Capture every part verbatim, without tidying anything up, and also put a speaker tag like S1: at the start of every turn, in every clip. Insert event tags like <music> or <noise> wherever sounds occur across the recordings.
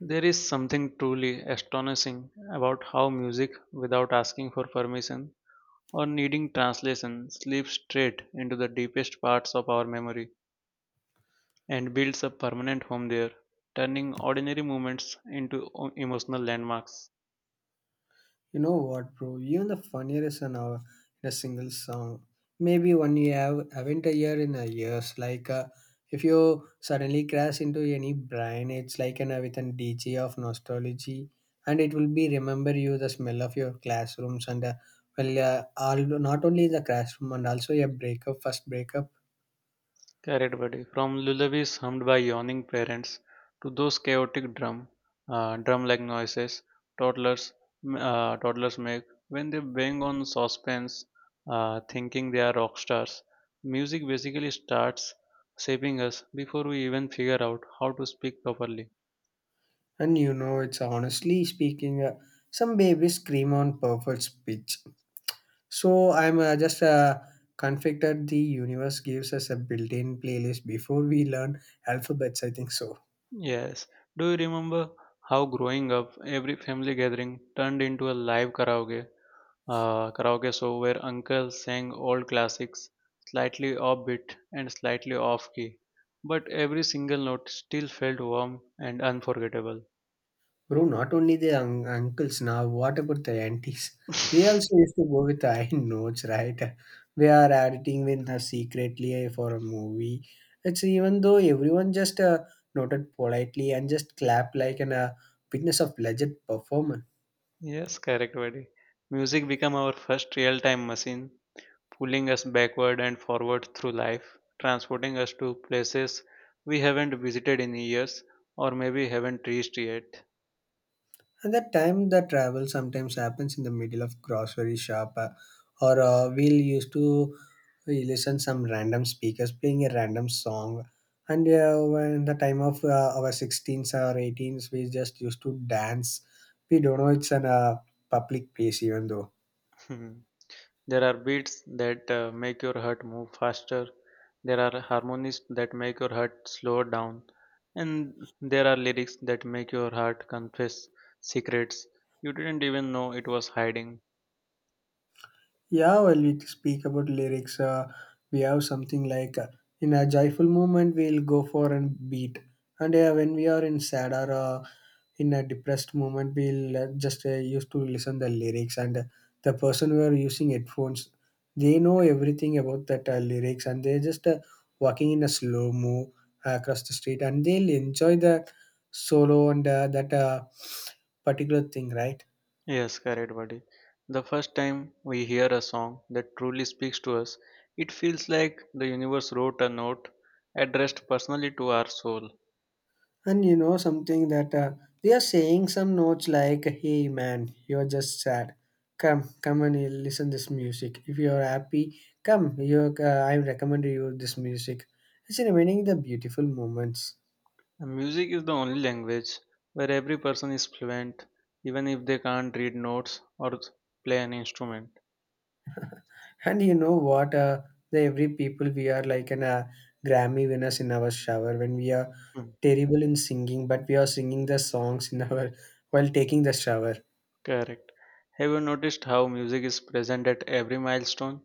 S1: There is something truly astonishing about how music, without asking for permission or needing translation, slips straight into the deepest parts of our memory and builds a permanent home there, turning ordinary moments into o- emotional landmarks.
S2: You know what, bro? Even the funniest in a, in a single song. Maybe one you have haven't a year in a years. Like uh, if you suddenly crash into any brine, it's like an uh, with an D J of nostalgia, and it will be remember you the smell of your classrooms and uh, well, uh, all, not only the classroom and also your breakup, first breakup,
S1: Correct, buddy. From lullabies hummed by yawning parents to those chaotic drum, uh, drum-like noises toddlers m- uh, toddlers make when they bang on saucepans, uh, thinking they are rock stars. Music basically starts shaping us before we even figure out how to speak properly.
S2: and you know it's honestly speaking, uh, some babies scream on perfect pitch. So I'm uh, just uh, conflicted. The universe gives us a built-in playlist before we learn alphabets. I think so,
S1: Yes. Do you remember how growing up, every family gathering turned into a live karaoke Uh, karaoke show where uncles sang old classics, slightly offbeat and slightly off key, but every single note still felt warm and unforgettable.
S2: bro. Not only the un- uncles now. What about the aunties? They also used to go with high <laughs> notes, right? We are editing with uh, secretly for a movie. It's even though everyone just uh, noted politely and just clap like an uh, witness of legit performance.
S1: Yes, correct, buddy. Music became our first real time machine, pulling us backward and forward through life, transporting us to places we haven't visited in years or maybe haven't reached yet.
S2: And that time, the travel sometimes happens in the middle of grocery shop, uh, or uh, we'll used to uh, listen some random speakers playing a random song. And uh, when the time of uh, our sixteens or eighteens, we just used to dance. We don't know it's an uh, public place, even though.
S1: <laughs> There are beats that uh, make your heart move faster. There are harmonies that make your heart slow down. And there are lyrics that make your heart confess secrets you didn't even know it was hiding.
S2: Yeah, well, we speak about lyrics. Uh, we have something like uh, in a joyful moment, we'll go for a beat. And uh, when we are in sad or uh, in a depressed moment we'll uh, just uh, used to listen the lyrics, and uh, the person who are using headphones, they know everything about that uh, lyrics, and they're just uh, walking in a slow mo uh, across the street, and they'll enjoy the solo and uh, that uh, particular thing, right?
S1: Yes, correct, buddy. The first time we hear a song that truly speaks to us, it feels like the universe wrote a note addressed personally to our soul.
S2: And you know something that uh, they are saying some notes like, "Hey man, you're just sad. Come, come and listen this music. If you're happy, come. You, uh, I recommend you this music." It's remaining the beautiful moments.
S1: Music is the only language where every person is fluent, even if they can't read notes or play an instrument.
S2: And you know what? Uh, the every people we are like an uh, Grammy winners in our shower when we are
S1: Hmm.
S2: terrible in singing, but we are singing the songs in our while taking the shower.
S1: Correct. Have you noticed how music is present at every milestone?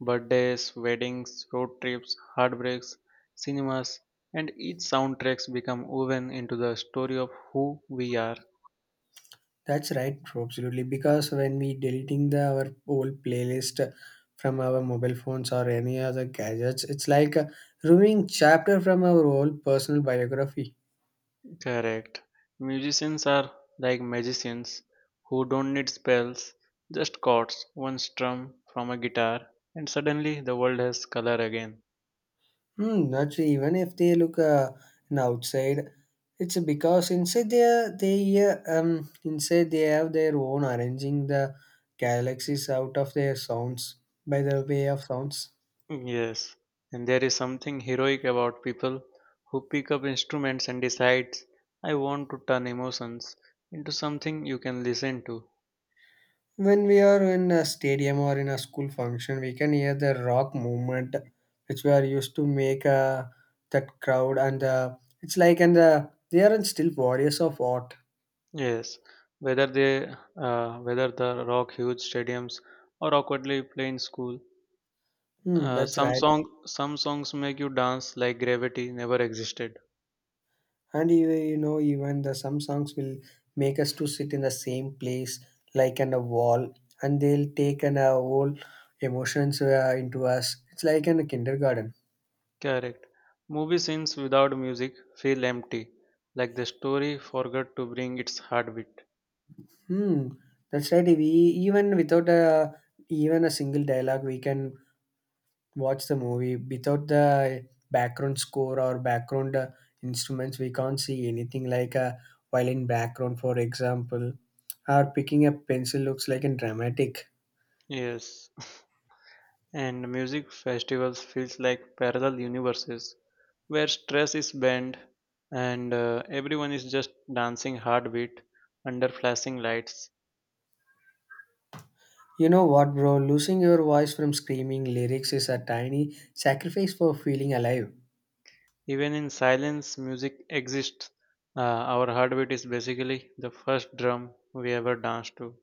S1: Birthdays, weddings, road trips, heartbreaks, cinemas, and each soundtracks become woven into the story of who we are.
S2: That's right, absolutely. Because when we deleting the our old playlist from our mobile phones or any other gadgets, it's like uh, removing chapter from our whole personal biography.
S1: Correct. Musicians are like magicians who don't need spells, just chords, one strum from a guitar, and suddenly the world has color again.
S2: Hmm, not sure, even if they look uh, an outside. It's because inside they are- they uh, um inside they have their own arranging the galaxies out of their sounds, by the way of sounds.
S1: Yes, and there is something heroic about people who pick up instruments and decides, I want to turn emotions into something you can listen to.
S2: When we are in a stadium or in a school function, we can hear the rock movement, which we are used to make uh, that crowd, and uh, it's like, and uh, they aren't still warriors of art.
S1: Yes, whether they uh, whether the rock huge stadiums or awkwardly play in school.
S2: Hmm,
S1: Uh,
S2: that's
S1: some
S2: right.
S1: song some songs make you dance like gravity never existed.
S2: And you, you know, even the some songs will make us to sit in the same place, like on a wall, and they'll take an uh, whole emotions uh, into us. It's like in a kindergarten.
S1: Correct. Movie scenes without music feel empty, like the story forgot to bring its heartbeat.
S2: Hmm, that's right. We Even without a even a single dialogue, we can watch the movie without the background score or background uh, instruments. We can't see anything like a violin background, for example, or picking a pencil looks like a dramatic.
S1: Yes. <laughs> And music festivals feels like parallel universes where stress is banned and uh, everyone is just dancing heartbeat under flashing lights.
S2: You know what, bro? Losing your voice from screaming lyrics is a tiny sacrifice for feeling alive.
S1: Even in silence, music exists. Uh, our heartbeat is basically the first drum we ever danced to.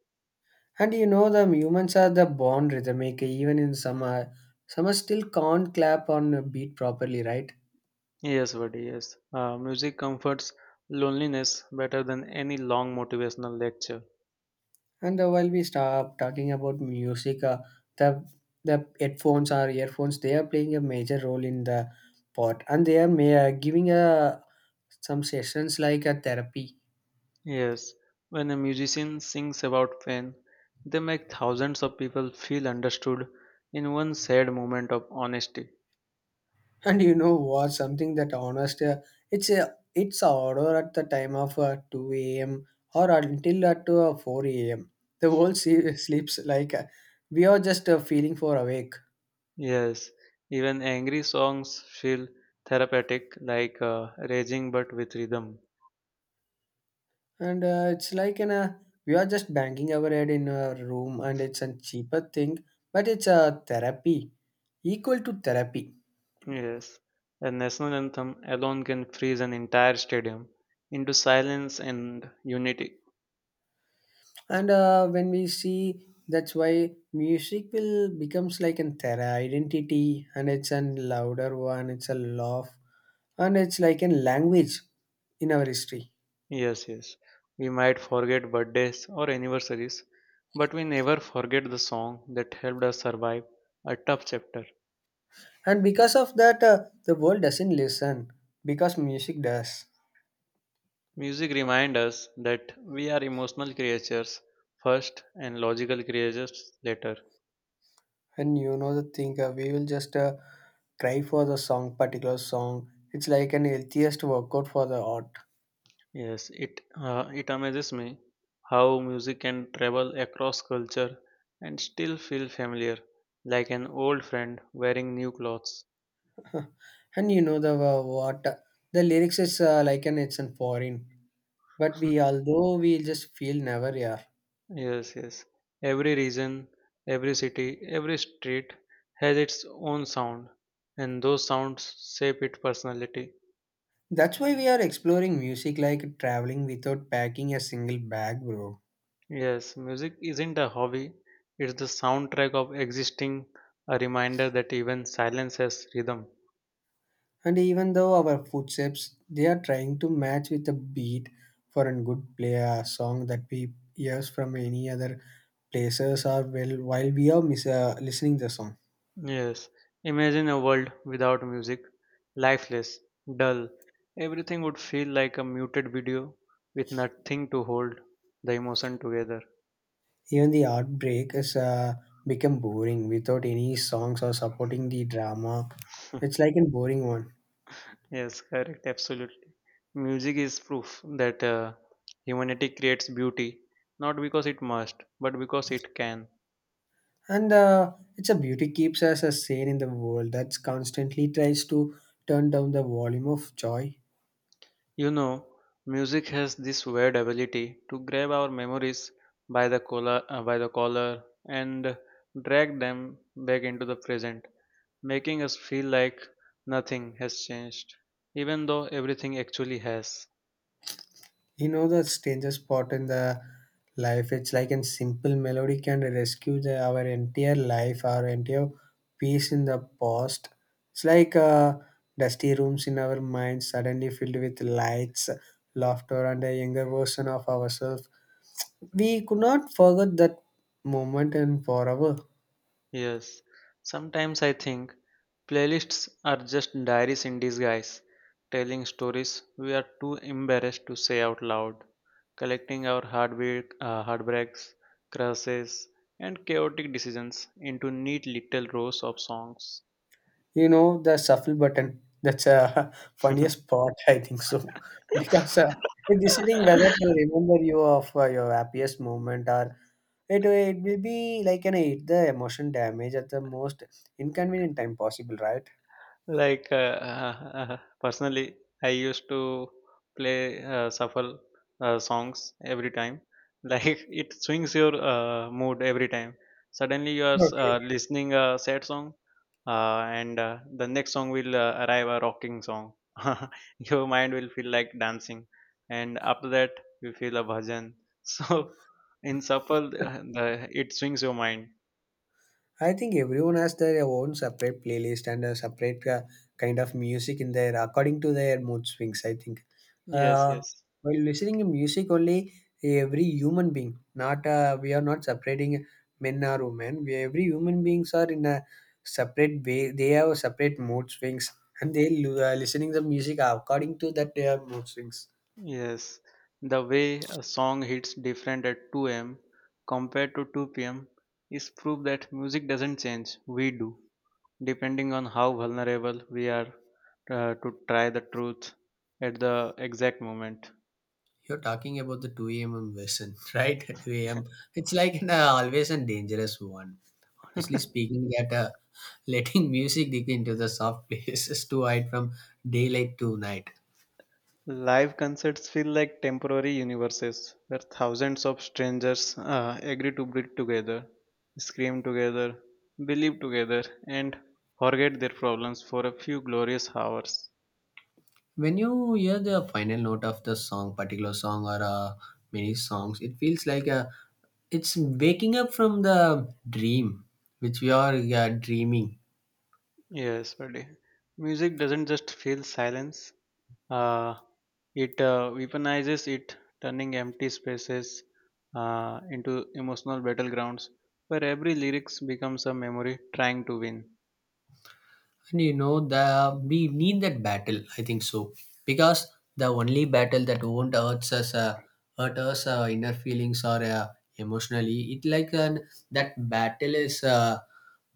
S2: And you know, the humans are the born rhythmic, even in summer summer still can't clap on a beat properly, right?
S1: Yes, buddy, yes. Uh, music comforts loneliness better than any long motivational lecture.
S2: And uh, while we stop talking about music, uh, the the headphones or earphones, they are playing a major role in the pot, and they are may, uh, giving a some sessions like a therapy.
S1: Yes, when a musician sings about pain, they make thousands of people feel understood in one sad moment of honesty.
S2: <laughs> And you know what? Something that honest, uh, it's a it's a order at the time of uh, two a m or until at uh, four a m. The whole <laughs> se- sleeps like uh, we are just uh, feeling for awake.
S1: Yes, even angry songs feel therapeutic, like uh, raging but with rhythm.
S2: And uh, it's like in a we are just banging our head in a room, and it's a cheaper thing, but it's a therapy, equal to therapy.
S1: Yes, a national anthem alone can freeze an entire stadium into silence and unity.
S2: And uh, when we see, that's why music will becomes like an thera identity, and it's a louder one. It's a laugh, and it's like a language in our history.
S1: Yes, yes. We might forget birthdays or anniversaries, but we never forget the song that helped us survive a tough chapter.
S2: And because of that, uh, the world doesn't listen because music does.
S1: Music reminds us that we are emotional creatures first and logical creatures later.
S2: And you know the thing, uh, we will just uh, try for the song, particular song. It's like an healthiest workout for the art.
S1: Yes, it uh, it amazes me how music can travel across culture and still feel familiar, like an old friend wearing new clothes.
S2: <laughs> And you know the uh, what uh, the lyrics is uh, like an it's in foreign, but we although we just feel never, yeah.
S1: Yes, yes. Every region, every city, every street has its own sound, and those sounds shape its personality.
S2: That's why we are exploring music like traveling without packing a single bag, bro.
S1: Yes, music isn't a hobby, it's the soundtrack of existing, a reminder that even silence has rhythm.
S2: And even though our footsteps, they are trying to match with a beat for a good play a song that we hears from any other places are well while we are mis- uh, listening the song.
S1: Yes, imagine a world without music, lifeless, dull. Everything would feel like a muted video with nothing to hold the emotion together.
S2: Even the art break is uh, become boring without any songs or supporting the drama. It's like a boring one,
S1: Yes, correct, absolutely. Music is proof that uh, humanity creates beauty, not because it must, but because it can.
S2: and uh, it's a beauty keeps us a sane in the world that's constantly tries to turn down the volume of joy.
S1: You know, music has this weird ability to grab our memories by the collar, uh, by the collar and drag them back into the present, making us feel like nothing has changed, even though everything actually has.
S2: You know the strangest spot in the life. It's like a simple melody can rescue the, our entire life, our entire peace in the past. It's like uh, dusty rooms in our minds suddenly filled with lights, laughter, and a younger version of ourselves. We could not forget that moment, and forever.
S1: Yes, sometimes I think playlists are just diaries in disguise, telling stories we are too embarrassed to say out loud, collecting our heartbreak, uh, heartbreaks, crushes, and chaotic decisions into neat little rows of songs.
S2: You know the shuffle button. That's a <laughs> funniest part, I think so, <laughs> because
S1: <laughs>
S2: uh, in deciding whether to remember you of uh, your happiest moment, or it it will be like an it the emotion damage at the most inconvenient time possible, right?
S1: Like, uh, uh, personally, I used to play uh, shuffle uh, songs every time. <laughs> Like, it swings your uh, mood every time. Suddenly, you are uh,
S2: Okay.
S1: listening a sad song, uh, and uh, the next song will uh, arrive a rocking song. <laughs> Your mind will feel like dancing, and after that, you feel a bhajan. <laughs> So, in shuffle, uh, the, it swings your mind.
S2: I think everyone has their own separate playlist and a separate uh, kind of music in there according to their mood swings. I think
S1: Yes,
S2: uh,
S1: yes.
S2: while listening to music only, every human being, not uh, we are not separating men or women. We every human beings are in a separate way. They have separate mood swings, and they l- uh, listening the music according to that their mood swings.
S1: Yes, the way a song hits different at two a m compared to two p m is proof that music doesn't change, we do, depending on how vulnerable we are uh, to try the truth at the exact moment.
S2: You're talking about the two a m version, <laughs> right? two a m. It's like an, uh, always a dangerous one, honestly speaking, that uh, <laughs> letting music dig into the soft places <laughs> to hide from daylight to night.
S1: Live concerts feel like temporary universes where thousands of strangers uh, agree to breathe together, scream together, believe together, and forget their problems for a few glorious hours.
S2: When you hear the final note of the song particular song, or uh, many songs, it feels like uh, it's waking up from the dream which we are uh, dreaming.
S1: Yes, buddy. Music doesn't just fill silence, uh, it uh, weaponizes it, turning empty spaces uh, into emotional battlegrounds where every lyrics becomes a memory trying to win.
S2: And you know, the we need that battle. I think so, because the only battle that won't hurt us, uh, hurt us uh, inner feelings or uh, emotionally. It like an that battle is a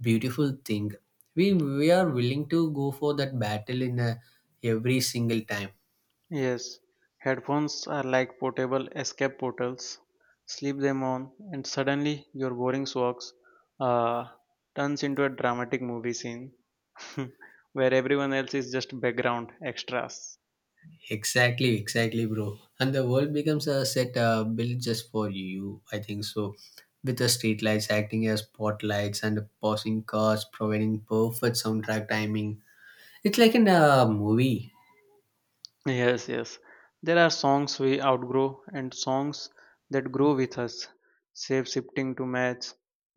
S2: beautiful thing. We we are willing to go for that battle in uh, every single time.
S1: Yes, headphones are like portable escape portals. Slip them on, and suddenly your boring walks uh, turns into a dramatic movie scene <laughs> where everyone else is just background extras.
S2: Exactly, exactly, bro. And the world becomes a set uh, built just for you, I think so. With the streetlights acting as spotlights and the passing cars providing perfect soundtrack timing. It's like in a movie.
S1: Yes, yes. There are songs we outgrow and songs that grow with us, shape shifting to match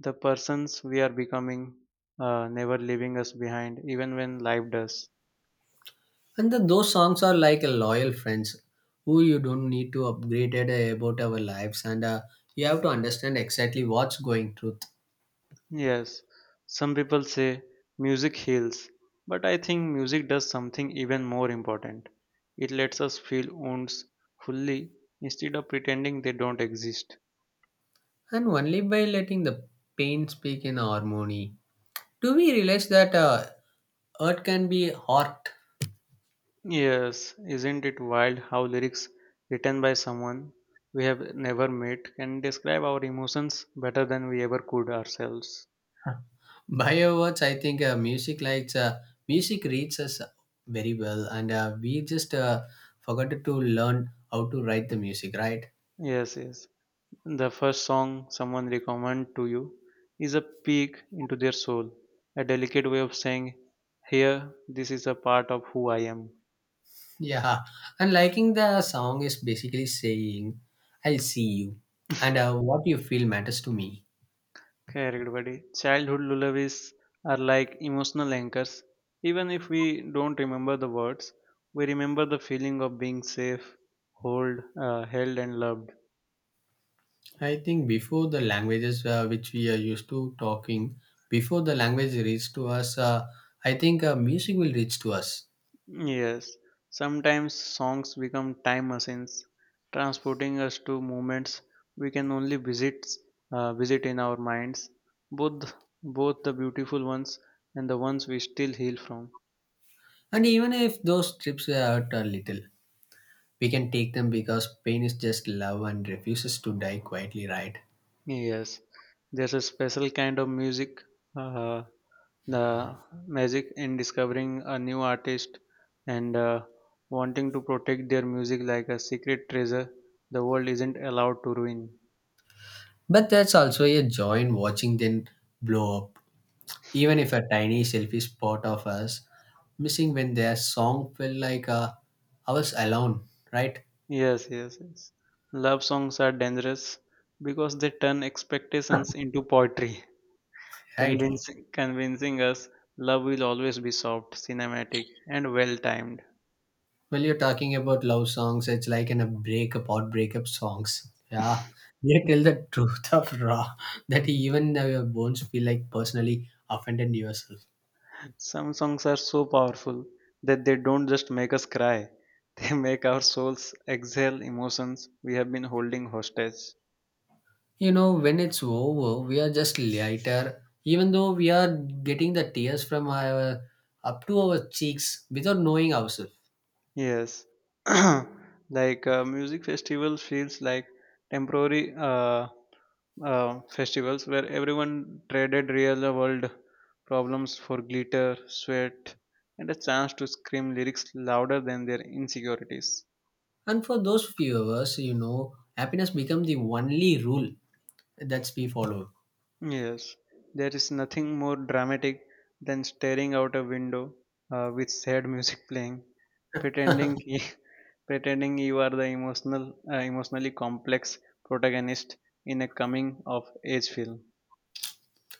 S1: the persons we are becoming, uh, never leaving us behind, even when life does.
S2: And the, those songs are like a loyal friends who you don't need to upgrade it uh, about our lives, and uh, you have to understand exactly what's going truth.
S1: Yes, some people say music heals, but I think music does something even more important. It lets us feel wounds fully instead of pretending they don't exist.
S2: And only by letting the pain speak in harmony do we realize that uh, art can be art.
S1: Yes, isn't it wild how lyrics written by someone we have never met can describe our emotions better than we ever could ourselves?
S2: <laughs> Bio words, I think uh, music likes uh, music reads us very well, and uh, we just uh, forgot to learn how to write the music, right?
S1: Yes, yes. The first song someone recommend to you is a peek into their soul, a delicate way of saying, "Here, this is a part of who I am."
S2: Yeah, and liking the song is basically saying, "I'll see you," and uh, what you feel matters to me.
S1: Correct, buddy. Childhood lullabies are like emotional anchors. Even if we don't remember the words, we remember the feeling of being safe, hold, uh, held, and loved.
S2: I think before the languages uh, which we are used to talking, before the language reaches to us, uh, I think uh, music will reach to us.
S1: Yes, sometimes songs become time machines, transporting us to moments we can only visit, uh, visit in our minds, both both the beautiful ones and the ones we still heal from.
S2: And even if those trips are a little, we can take them because pain is just love and refuses to die quietly, right?
S1: Yes, there's a special kind of music. Uh, the magic in discovering a new artist and uh, wanting to protect their music like a secret treasure the world isn't allowed to ruin.
S2: But that's also a joy in watching them blow up, even if a tiny selfish part of us missing when their song felt like uh, ours alone, right? <laughs>
S1: Yes, yes, yes. Love songs are dangerous because they turn
S2: Huh.
S1: expectations into poetry,
S2: Right.
S1: convincing, convincing us love will always be soft, cinematic, and well timed.
S2: Well, you're talking about love songs. It's like in a breakup or breakup songs. Yeah. They tell the <laughs> truth of raw that even uh, your bones feel like personally offended yourself.
S1: Some songs are so powerful that they don't just make us cry, <laughs> they make our souls exhale emotions we have been holding hostage.
S2: You know, when it's over, we are just lighter, even though we are getting the tears from our up to our cheeks without knowing ourselves.
S1: Yes, <clears throat> like uh, music festival feels like temporary uh, uh, festivals where everyone traded real world problems for glitter, sweat, and a chance to scream lyrics louder than their insecurities.
S2: And for those few hours, you know, happiness becomes the only rule that we follow.
S1: Yes, there is nothing more dramatic than staring out a window uh, with sad music playing, pretending <laughs> pretending you are the emotional uh, emotionally complex protagonist in a coming of age film.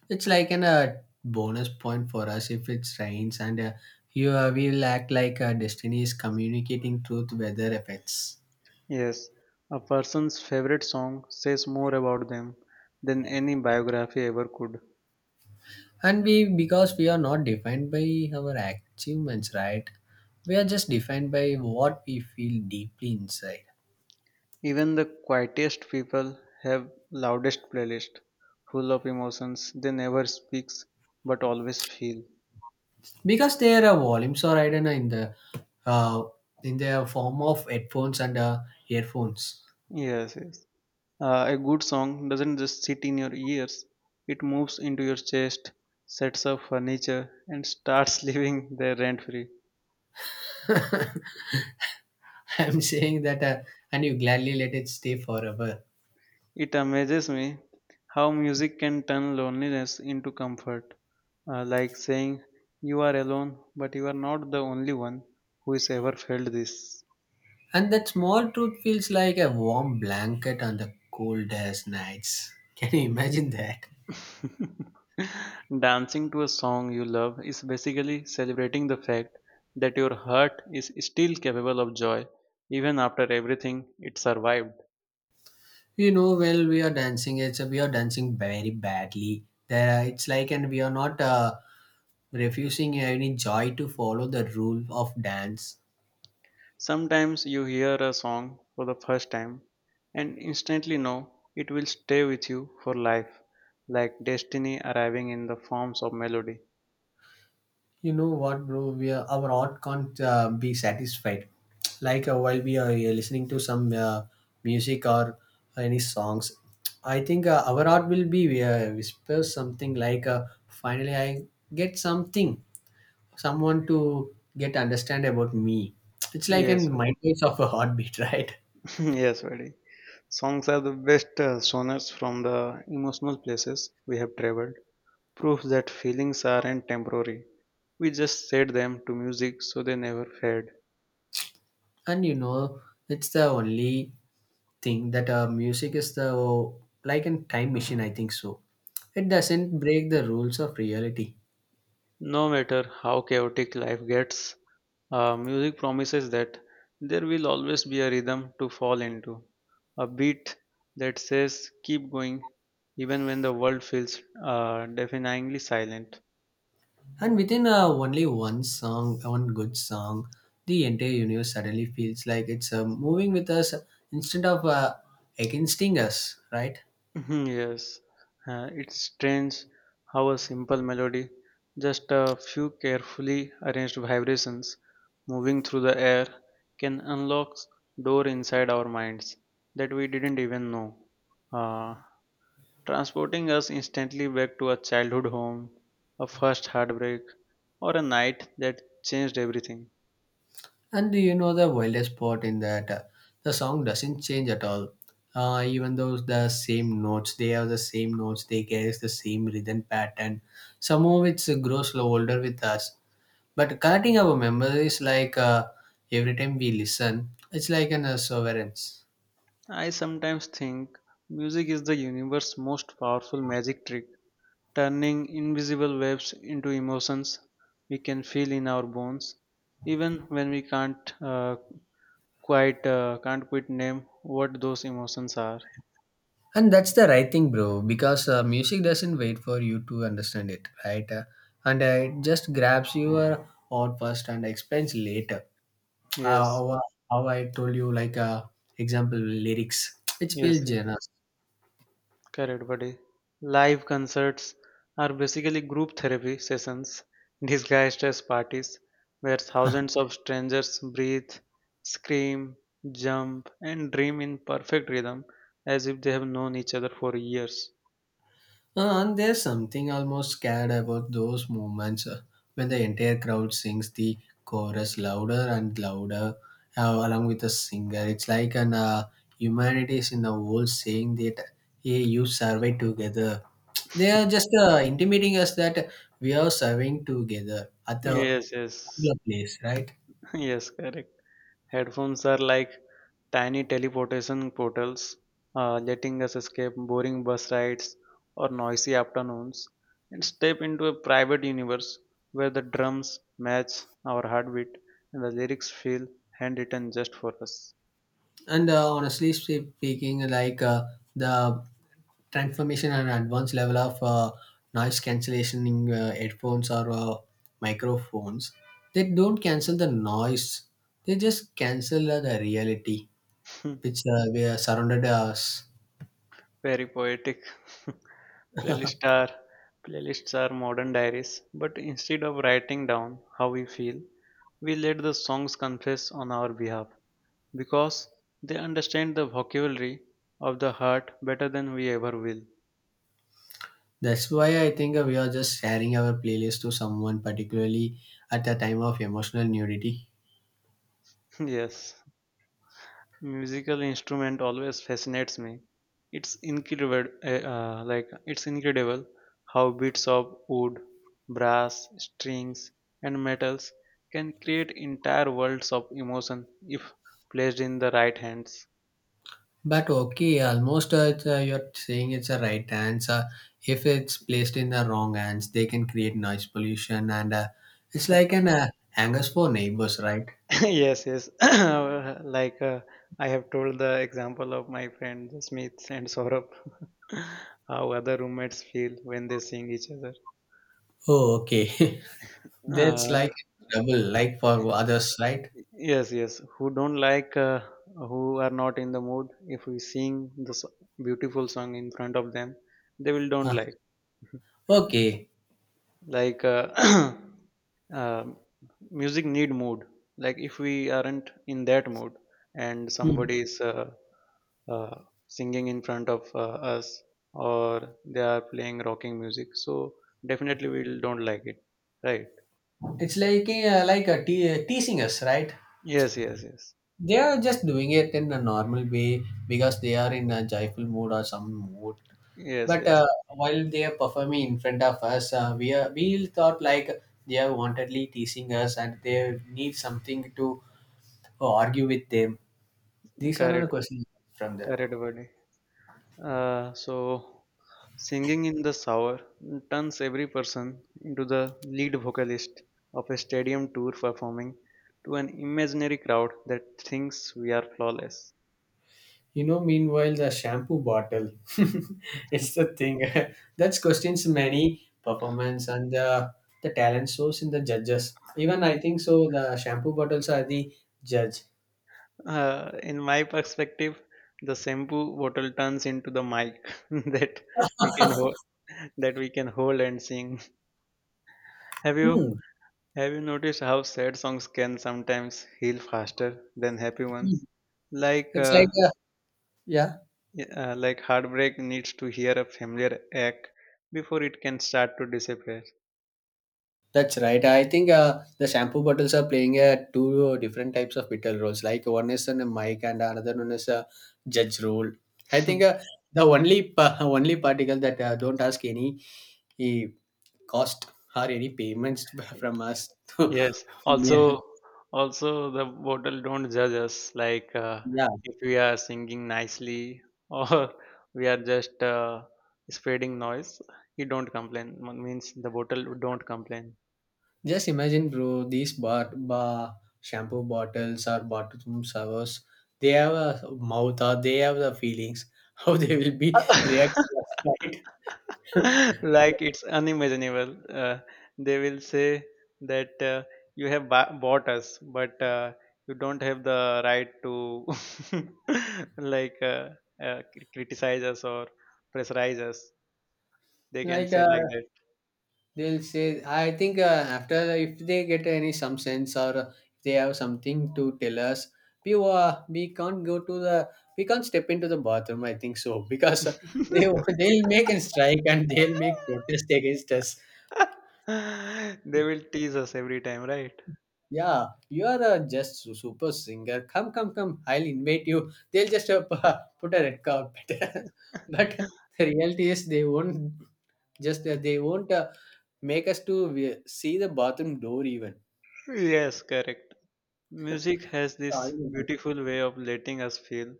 S2: It's like an uh, bonus point for us if it rains, and uh, you uh, will act like uh, destiny is communicating truth weather effects.
S1: Yes, a person's favorite song says more about them than any biography ever could.
S2: And we, because we are not defined by our achievements, right? We are just defined by what we feel deeply inside,
S1: Even the quietest people have loudest playlist, full of emotions they never speaks but always feel.
S2: because there are volumes, or I don't know, in the uh, in the form of headphones and uh, earphones.
S1: Yes, yes. Uh, a good song doesn't just sit in your ears, it moves into your chest, sets up furniture, and starts <laughs> living there rent free.
S2: <laughs> I'm saying that, uh, and you gladly let it stay forever.
S1: It amazes me how music can turn loneliness into comfort, Uh, like saying, you are alone, but you are not the only one who has ever felt this.
S2: And that small truth feels like a warm blanket on the coldest nights. <laughs> Can you imagine that?
S1: <laughs> Dancing to a song you love is basically celebrating the fact that your heart is still capable of joy even after everything it survived.
S2: You know, well, we are dancing. It's, we are dancing very badly. There, are- it's like, and we are not uh, refusing any joy to follow the rule of dance.
S1: Sometimes you hear a song for the first time and instantly know it will stay with you for life, like destiny arriving in the forms of melody.
S2: You know what, bro? We are, our heart can't uh, be satisfied. Like uh, while we are uh, listening to some uh, music or any songs, I think uh, our heart will be uh, whisper something like, uh, "Finally, I get something, someone to get understand about me." It's like a
S1: Yes,
S2: mind waves of a heartbeat, <laughs> right?
S1: <laughs> yes, very. Songs are the best uh, sonors from the emotional places we have traveled. Proof that feelings aren't temporary. We just set them to music so they never fade.
S2: And you know, it's the only thing that, uh, music is the oh, like a time machine, I think so. It doesn't break the rules of reality.
S1: No matter how chaotic life gets, Uh, music promises that there will always be a rhythm to fall into, a beat that says keep going even when the world feels uh, deafeningly silent.
S2: And within, uh, only one song, one good song, the entire universe suddenly feels like it's uh, moving with us instead of uh, against us, right?
S1: <laughs> Mhm, yes, uh, it's strange how a simple melody, just a few carefully arranged vibrations moving through the air, can unlock door inside our minds that we didn't even know. Uh, Transporting us instantly back to a childhood home, a first heartbreak, or a night that changed everything.
S2: And do you know the wildest part in that? Uh, the song doesn't change at all. Uh, even though the same notes, they have the same notes, they carry the same rhythm pattern. Some of it grows slow older with us, but connecting our memories like, uh, every time we listen, it's like an uh, sovereigns.
S1: I sometimes think music is the universe's most powerful magic trick, turning invisible waves into emotions we can feel in our bones, even when we can't uh, quite uh, can't quite name what those emotions are.
S2: And that's the right thing, bro, because uh, music doesn't wait for you to understand it, right? Uh, and uh, it just grabs your heart first and explains later. uh,
S1: Yes,
S2: how, uh, how I told you, like, uh, example lyrics. It's
S1: yes,
S2: Bill
S1: yes.
S2: Jonas.
S1: Correct, buddy. Live concerts are basically group therapy sessions <laughs> disguised as parties where thousands of strangers breathe, scream, jump, and dream in perfect rhythm as if they have known each other for years.
S2: Uh, and there's something almost scared about those moments, uh, when the entire crowd sings the chorus louder and louder, uh, along with the singer. It's like an, uh, humanity is in the world saying that, hey, you survive together. They are just uh, intimating us that we are serving together at the
S1: Yes, yes,
S2: particular place, right?
S1: <laughs> yes, correct. Headphones are like tiny teleportation portals, uh, letting us escape boring bus rides or noisy afternoons and step into a private universe where the drums match our heartbeat and the lyrics feel handwritten just for us.
S2: And uh, honestly speaking, like, uh, the transformation and advanced level of uh, noise cancellation in uh, headphones or uh, microphones, they don't cancel the noise, they just cancel uh, the reality which, uh, we are surrounded us.
S1: <laughs> Very poetic. <laughs> Playlists are playlists are modern diaries, but instead of writing down how we feel, we let the songs confess on our behalf. Because they understand the vocabulary of the heart better than we ever will.
S2: That's why I think, uh, we are just sharing our playlist to someone particularly at the time of emotional nudity.
S1: <laughs> Yes, musical instrument always fascinates me. It's incredible, uh, uh, like it's incredible how bits of wood, brass, strings, and metals can create entire worlds of emotion if placed in the right hands.
S2: But okay, almost, uh, it's, uh, you're saying it's a right hands. Uh, if it's placed in the wrong hands, they can create noise pollution, and, uh, it's like an uh, angers for neighbors, right?
S1: <laughs> Yes, yes. <coughs> like uh, I have told the example of my friend Smith and Saurabh. How other roommates feel when they seeing each other.
S2: Oh, okay. <laughs> That's
S1: Uh,
S2: like trouble, like for others, right?
S1: yes, yes. Who don't like, uh, who are not in the mood, if we sing this beautiful song in front of them, they will don't
S2: Uh,
S1: like.
S2: okay.
S1: Like, uh, <coughs> <clears throat> um music need mood. Like if we aren't in that mood and
S2: Hmm.
S1: somebody is uh, uh, singing in front of uh, us or they are playing rocking music, so definitely we will don't like it, right?
S2: It's like, uh, like a te- teasing us, right?
S1: Yes, yes, yes.
S2: They are just doing it in a normal way because they are in a joyful mood or some mood.
S1: Yes,
S2: But
S1: yes.
S2: uh, while they are performing in front of us, uh, we are we thought like they are wantedly teasing us and they need something to uh, argue with them. These are the
S1: Correct,
S2: questions from there.
S1: correct, buddy. Uh, so, singing in the shower turns every person into the lead vocalist of a stadium tour performing to an imaginary crowd that thinks we are flawless.
S2: You know, meanwhile, the shampoo bottle, <laughs> it's the thing. <laughs> That's questions many performance and the, the talent shows in the judges. Even I think so, the shampoo bottles are the judge.
S1: Uh, in my perspective, the shampoo bottle turns into the mic <laughs> that we can hold, that we can hold and sing. Have
S2: Hmm.
S1: you have you noticed how sad songs can sometimes heal faster than happy ones? Like
S2: It's
S1: uh,
S2: like, a, yeah.
S1: Yeah, uh, like heartbreak needs to hear a familiar ache before it can start to disappear.
S2: That's right. I think, uh, the shampoo bottles are playing uh, two different types of vital roles. Like one is a mic and another one is a judge role. I think uh,
S1: <laughs>
S2: the only <laughs> pa- only particle that uh, don't ask any eh, cost or any payments <laughs> from us.
S1: Yes.
S2: <laughs> Yeah.
S1: Also, also the bottle don't judge us. Like uh,
S2: Yeah.
S1: if we are singing nicely or <laughs> we are just uh, spreading noise, he don't complain. Mo- Means the bottle don't complain.
S2: Just imagine, bro, these bar, bar shampoo bottles or bathroom servers, they have a mouth or they have the feelings, <laughs> how they will be reacting.
S1: <laughs>
S2: Right?
S1: <laughs>
S2: <laughs>
S1: Like it's unimaginable. Uh, they will say that uh, you have ba- bought us, but uh, you don't have the right to <laughs> like uh, uh, cr- criticize us or pressurize us. They can
S2: Like,
S1: say
S2: uh,
S1: like that.
S2: they'll say, I think, uh, after, if they get any some sense or, uh, if they have something to tell us, we uh, we can't go to the, we can't step into the bathroom, I think so, <laughs> because, uh, they <laughs> they'll make a strike and they'll make protest against us.
S1: <laughs> They will tease us every time, right?
S2: Yeah. You are, uh, just su- super singer, come come come, I'll invite you. They'll just, uh, <laughs> put a red carpet. <laughs>
S1: <laughs>
S2: But the reality is they won't just, uh, they won't, uh, make us to, uh, see the bathroom door
S1: Yes, correct. Music has this
S2: even.
S1: beautiful way of letting us feel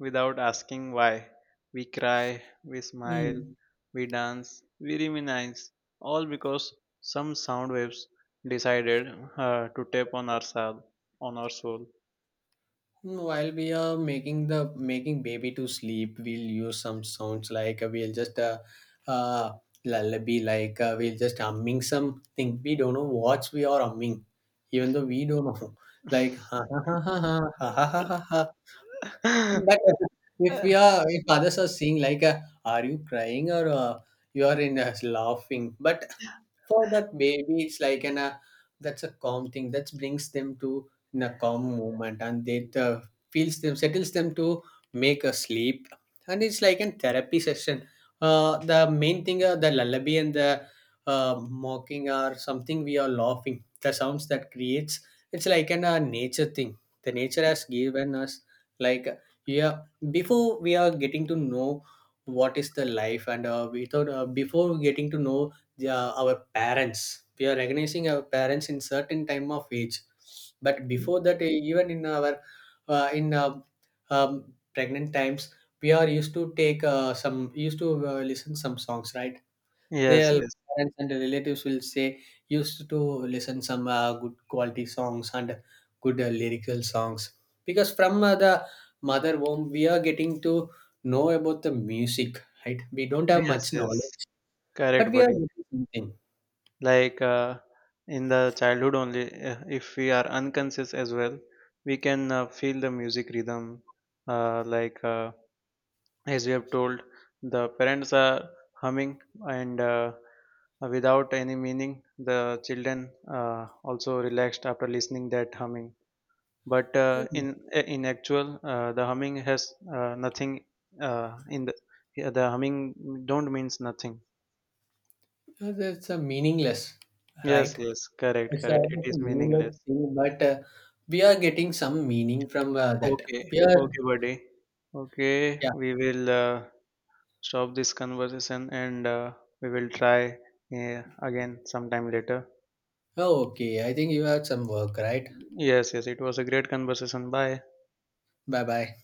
S1: without asking why. We cry, we smile,
S2: Mm.
S1: we dance, we reminisce, all because some sound waves decided uh, to tap on our soul, on our soul.
S2: While we are making, the making baby to sleep, we'll use some sounds like, uh, we'll just, uh, uh lullaby, like, uh, we'll just humming something. We don't know what we are humming, even though we don't know. <laughs> Like
S1: <laughs>
S2: ha ha ha ha ha ha ha ha. Ha. But
S1: Yes,
S2: if we are, if others are seeing like, uh, are you crying or, uh, you are in, uh, laughing? But for that baby it's like an, uh, that's a calm thing that brings them to, in a calm moment, and it, uh, feels them, settles them to make a sleep. And it's like a therapy session. Uh, the main thing, uh, the lullaby and the, uh, mocking are something we are laughing, the sounds that creates, it's like an, uh, nature thing, the nature has given us, like, yeah. Before we are getting to know what is the life, and uh, we thought, uh, before getting to know, yeah, our parents. We are recognizing our parents in certain time of age, but before that, eh, even in our, uh, in uh, um, pregnant times, we are used to take, uh, some used to, uh, listen some songs, right?
S1: yes,
S2: Their parents and relatives will say used to listen some uh, good quality songs and good, uh, lyrical songs, because from, uh, the mother womb we are getting to know about the music, right? We don't have
S1: yes,
S2: much
S1: yes.
S2: knowledge, but
S1: Correct,
S2: we are
S1: buddy.
S2: getting
S1: Like uh, in the childhood only, uh, if we are unconscious as well, we can uh, feel the music rhythm, uh, like. Uh, as we have told the parents are humming and uh, without any meaning the children uh, also relaxed after listening that humming but uh,
S2: something.
S1: in in actual uh, the humming has uh, nothing uh, in the yeah, the humming don't means nothing.
S2: Because that's a meaningless,
S1: Yes,
S2: right?
S1: yes, correct,
S2: It's a,
S1: correct, it
S2: it's
S1: is
S2: a meaningless
S1: meaningless.
S2: thing, but, uh, we are getting some meaning from, uh, that.
S1: Okay,
S2: We are,
S1: okay, buddy, okay,
S2: yeah.
S1: we will uh, stop this conversation and uh, we will try uh, again sometime later.
S2: Oh, okay. I think you had some work, right?
S1: Yes, yes, it was a great conversation. Bye.
S2: Bye bye.